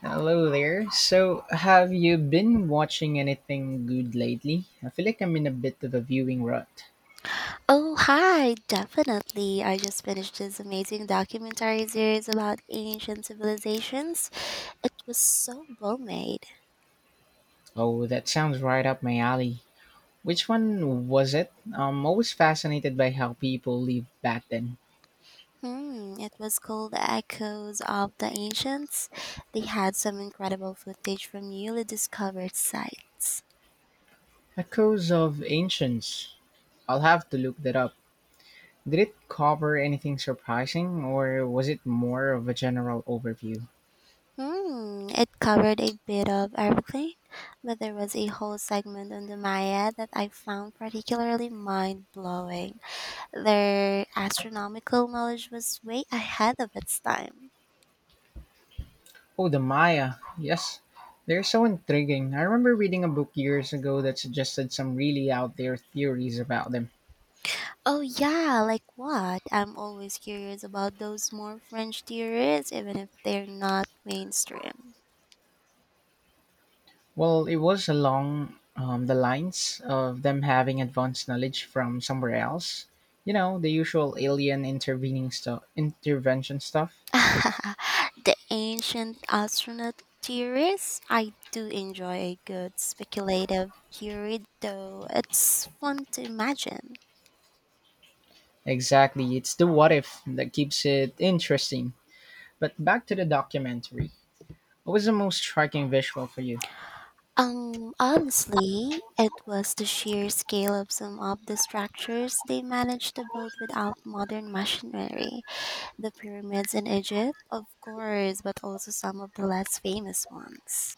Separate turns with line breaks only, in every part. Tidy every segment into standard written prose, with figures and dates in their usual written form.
Hello there. So, have you been watching anything good lately? I feel like I'm in a bit of a viewing rut.
Oh, hi, definitely. I just finished this amazing documentary series about ancient civilizations. It was so well made.
Oh, that sounds right up my alley. Which one was it? I'm always fascinated by how people lived back then.
Hmm, it was called Echoes of the Ancients. They had some incredible footage from newly discovered sites.
Echoes of Ancients. I'll have to look that up. Did it cover anything surprising, or was it more of a general overview?
Hmm, it covered a bit of everything, but there was a whole segment on the Maya that I found particularly mind blowing. Their astronomical knowledge was way ahead of its time.
Oh, the Maya. Yes, they're so intriguing. I remember reading a book years ago that suggested some really out there theories about them.
Oh, yeah, like what? I'm always curious about those more French theories, even if they're not mainstream.
Well, it was along the lines of them having advanced knowledge from somewhere else. The usual alien intervention stuff.
The ancient astronaut theories, I do enjoy a good speculative theory, though it's fun to imagine.
Exactly, it's the what if that keeps it interesting. But back to the documentary. What was the most striking visual for you?
Honestly, it was the sheer scale of some of the structures they managed to build without modern machinery. The pyramids in Egypt, of course, but also some of the less famous ones.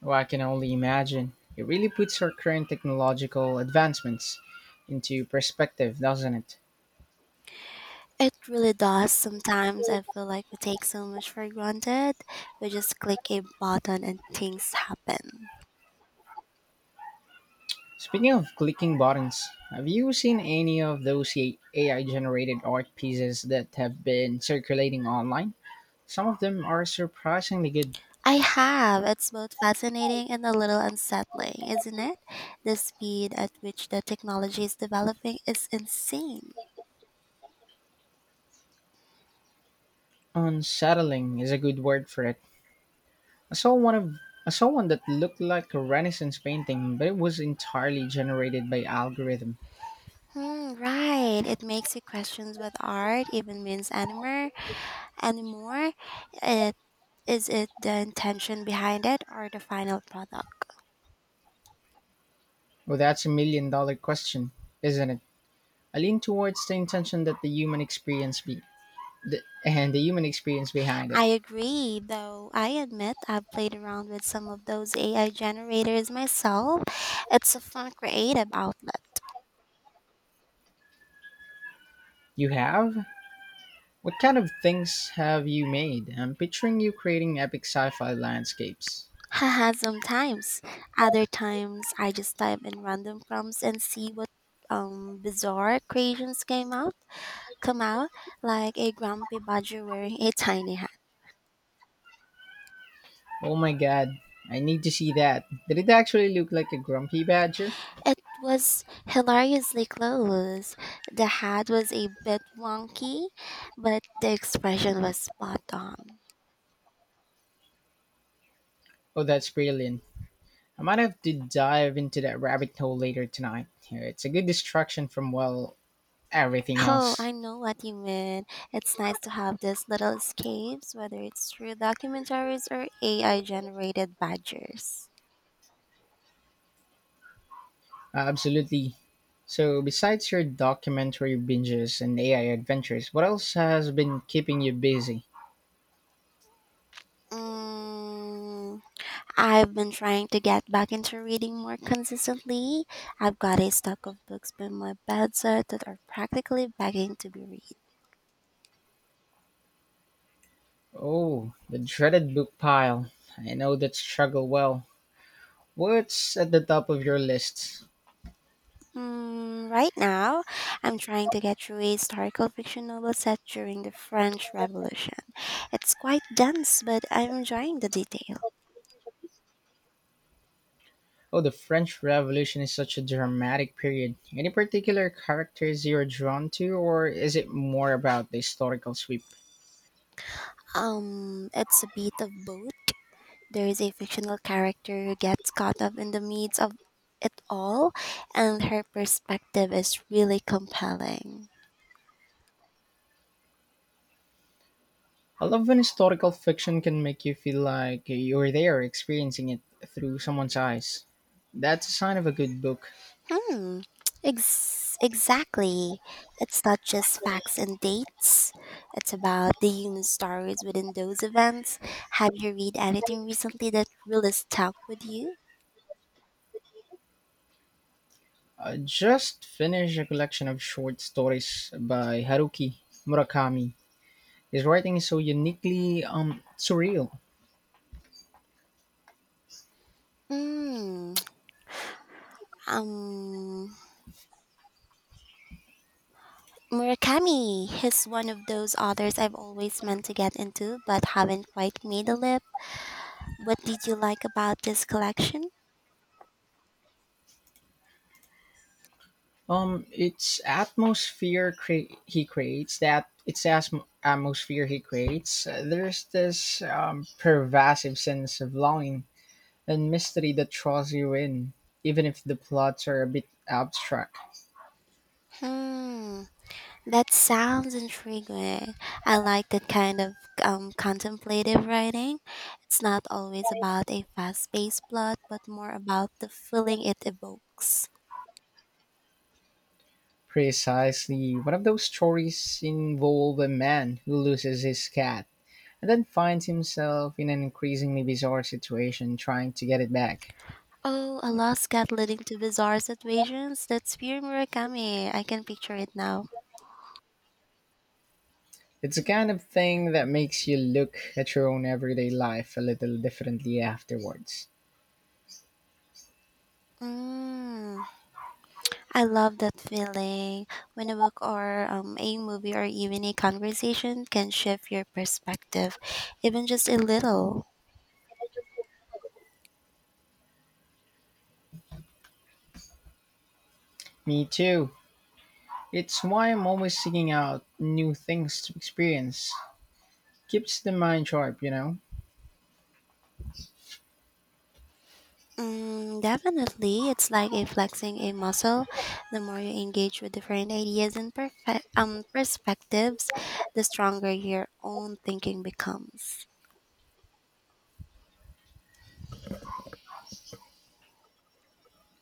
Oh, I can only imagine. It really puts our current technological advancements into perspective, doesn't it?
It really does. Sometimes I feel like we take so much for granted. We just click a button and things happen.
Speaking of clicking buttons, have you seen any of those AI generated art pieces that have been circulating online? Some of them are surprisingly good.
I have. It's both fascinating and a little unsettling, isn't it? The speed at which the technology is developing is insane.
Unsettling is a good word for it. I saw one of I saw one that looked like a Renaissance painting, but it was entirely generated by algorithm.
Hmm, right. It makes you questions what art even means anymore. Anymore, it is it the intention behind it or the final product.
Well, that's a million-dollar question, isn't it? I lean towards the intention that the human experience be the, and the human experience behind it.
I agree, though I admit I've played around with some of those AI generators myself. It's a fun creative outlet.
You have? What kind of things have you made? I'm picturing you creating epic sci-fi landscapes.
Haha, sometimes. Other times I just type in random prompts and see what bizarre creations came out come out like a grumpy badger wearing a tiny hat.
Oh my god, I need to see that. Did it actually look like a grumpy badger?
It was hilariously close. The hat was a bit wonky, but the expression was spot on.
Oh, that's brilliant. I might have to dive into that rabbit hole later tonight. It's a good distraction from, well, everything
Oh,
else.
I know what you mean. It's nice to have these little escapes, whether it's through documentaries or AI generated badgers.
Absolutely. So, besides your documentary binges and AI adventures, what else has been keeping you busy?
Mm, I've been trying to get back into reading more consistently. I've got a stack of books by my bedside that are practically begging to be read.
Oh, the dreaded book pile. I know that struggle well. What's at the top of your list?
Mm, right now, I'm trying to get through a historical fiction novel set during the French Revolution. It's quite dense, but I'm enjoying the detail.
Oh, the French Revolution is such a dramatic period. Any particular characters you're drawn to, or is it more about the historical sweep?
It's a bit of both. There is a fictional character who gets caught up in the midst of it all, and her perspective is really compelling.
I love when historical fiction can make you feel like you're there experiencing it through someone's eyes. That's a sign of a good book.
Hmm. Exactly. It's not just facts and dates. It's about the human stories within those events. Have you read anything recently that really stuck with you?
I just finished a collection of short stories by Haruki Murakami. His writing is so uniquely surreal.
Hmm. Um. Murakami. He's one of those authors I've always meant to get into, but haven't quite made a leap. What did you like about this collection?
It's atmosphere cre- he creates that it's as- atmosphere he creates. There's this pervasive sense of longing and mystery that draws you in, even if the plots are a bit abstract.
Hmm. That sounds intriguing. I like that kind of contemplative writing. It's not always about a fast paced plot, but more about the feeling it evokes.
Precisely, one of those stories involve a man who loses his cat and then finds himself in an increasingly bizarre situation trying to get it back.
Oh, a lost cat leading to bizarre situations. That's pure Murakami. I can picture it now.
It's the kind of thing that makes you look at your own everyday life a little differently afterwards.
Mm, I love that feeling when a book or a movie or even a conversation can shift your perspective, even just a little.
Me too. It's why I'm always seeking out new things to experience. Keeps the mind sharp, you know?
Mm, definitely, it's like a flexing a muscle. The more you engage with different ideas and perfect perspectives, the stronger your own thinking becomes.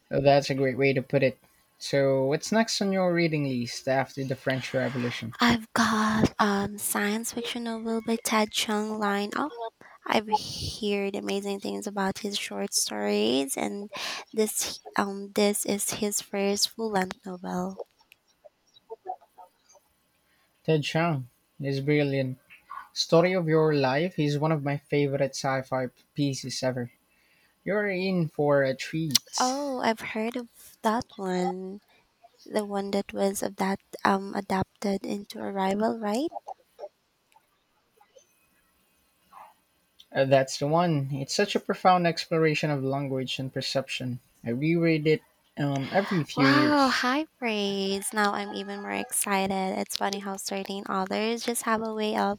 Oh, that's a great way to put it. So, what's next on your reading list after the French Revolution?
I've got science fiction novel by Ted Chung line up. I've heard amazing things about his short stories, and this is his first full length novel.
Ted Chiang is brilliant. Story of Your Life is one of my favorite sci fi pieces ever. You're in for a treat.
Oh, I've heard of that one. The one that was of that adapted into Arrival, right?
That's the one. It's such a profound exploration of language and perception. I reread it every few
Wow,
years.
high praise. Now I'm even more excited. It's funny how certain authors just have a way of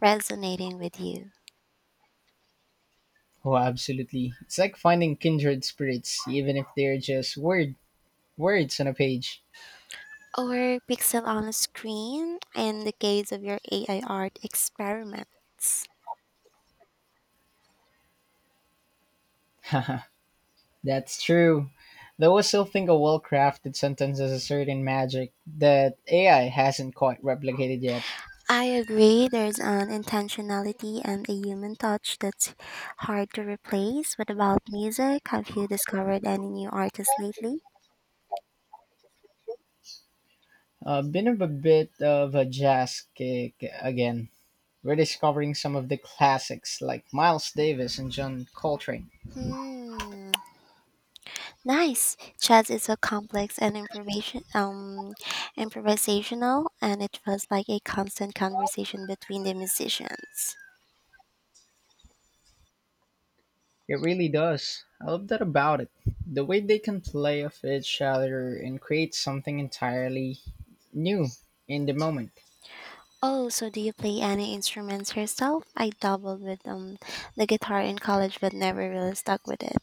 resonating with you.
Oh, absolutely. It's like finding kindred spirits, even if they're just words on a page.
Or pixel on a screen in the case of your AI art experiments.
Haha, that's true. Though I still think a well crafted sentence has a certain magic that AI hasn't quite replicated yet.
I agree, there's an intentionality and a human touch that's hard to replace. What about music? Have you discovered any new artists lately?
A bit of a jazz kick again, rediscovering some of the classics like Miles Davis and John Coltrane.
Hmm. Nice. Jazz is so complex and improvisational, and it feels like a constant conversation between the musicians.
It really does. I love that about it. The way they can play off each other and create something entirely new in the moment.
Oh, so do you play any instruments yourself? I dabbled with the guitar in college, but never really stuck with it.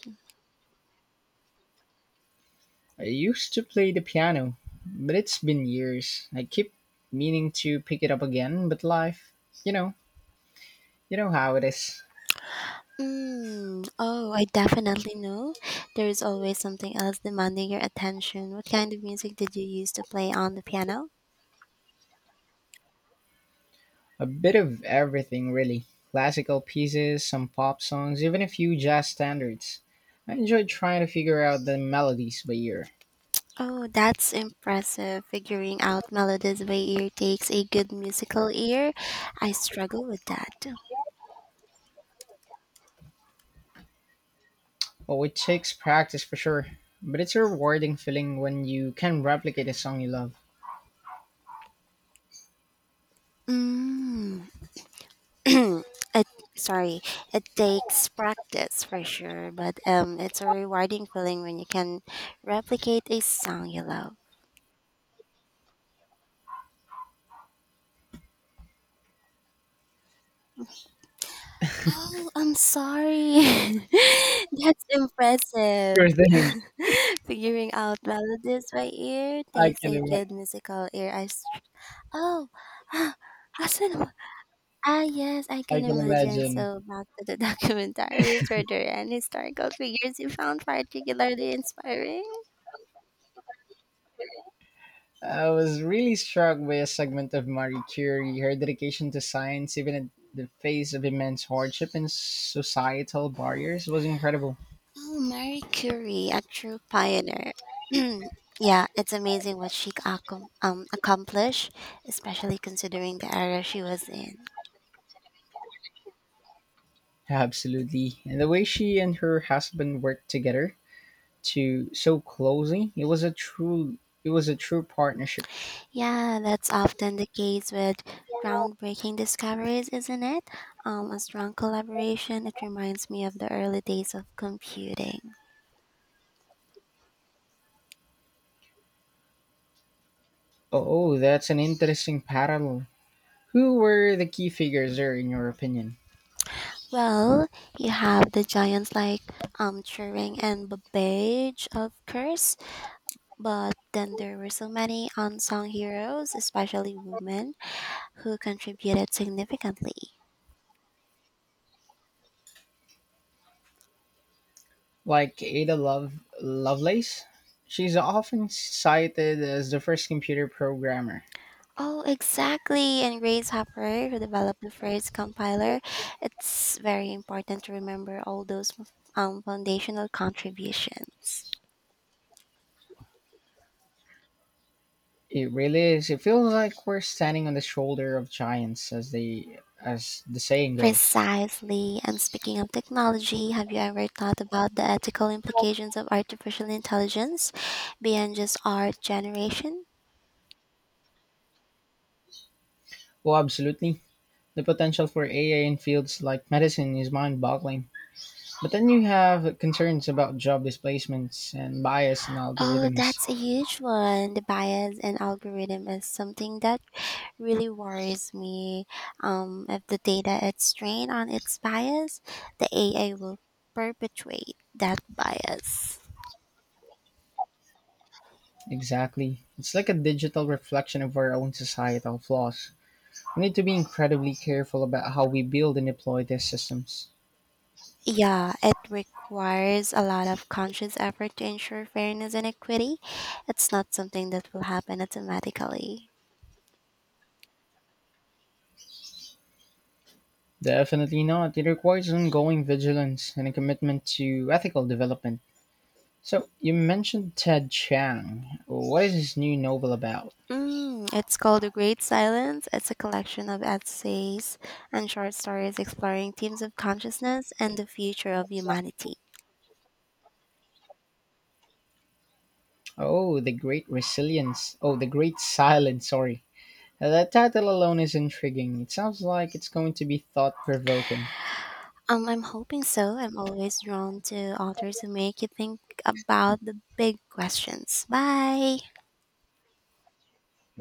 I used to play the piano, but it's been years. I keep meaning to pick it up again, but life, you know, you know how it is.
Mm, oh, I definitely know. There is always something else demanding your attention. What kind of music did you use to play on the piano?
A bit of everything, really. Classical pieces, some pop songs, even a few jazz standards. I enjoyed trying to figure out the melodies by ear.
Oh, that's impressive. Figuring out melodies by ear takes a good musical ear. I struggle with that.
Oh, it takes practice for sure, but it's a rewarding feeling when you can replicate a song you love.
Mm. It, sorry, it takes practice for sure, but it's a rewarding feeling when you can replicate a song you love. Oh, I'm sorry. That's impressive.
Sure thing.
Figuring out melodies by ear
I
takes
can
a
Im-
good musical ear. Oh, ah, asan Ah, yes, I
I
can
can
imagine.
imagine.
So, back to the documentaries, were there any historical figures you found particularly inspiring?
I was really struck by a segment of Marie Curie, her dedication to science, even in the face of immense hardship and societal barriers, was incredible.
Oh, Marie Curie, a true pioneer. Yeah, it's amazing what she accomplished, especially considering the era she was in.
Absolutely. And the way she and her husband worked together to so closely, it was a true it was a true partnership.
Yeah, that's often the case with groundbreaking discoveries, isn't it? A strong collaboration, it reminds me of the early days of computing.
Oh, that's an interesting parallel. Who were the key figures there in your opinion?
Well, you have the giants like Turing and Babbage, of course, but then there were so many unsung heroes, especially women, who contributed significantly.
Like Ada Love Lovelace? She's often cited as the first computer programmer.
Oh, exactly. And Grace Hopper, who developed the phrase compiler, it's very important to remember all those foundational contributions.
It really is. It feels like we're standing on the shoulder of giants, as the saying goes.
Precisely. And speaking of technology, have you ever thought about the ethical implications of artificial intelligence beyond just art generation?
Well, absolutely. The potential for AI in fields like medicine is mind-boggling. But then you have concerns about job displacements and bias in
Oh,
algorithms.
that's a huge one. The bias in algorithm is something that really worries me. If the data is trained on its bias, the AI will perpetuate that bias.
Exactly. It's like a digital reflection of our own societal flaws. We need to be incredibly careful about how we build and deploy these systems.
Yeah, it requires a lot of conscious effort to ensure fairness and equity. It's not something that will happen automatically.
Definitely not. It requires ongoing vigilance and a commitment to ethical development. So, you mentioned Ted Chiang. What is his new novel about?
Mm, it's called The Great Silence. It's a collection of essays and short stories exploring themes of consciousness and the future of humanity.
Oh, The Great Resilience. Oh, The Great Silence, sorry. That title alone is intriguing, it sounds like it's going to be thought provoking.
I'm hoping so. I'm always drawn to authors who make you think about the big questions. Bye.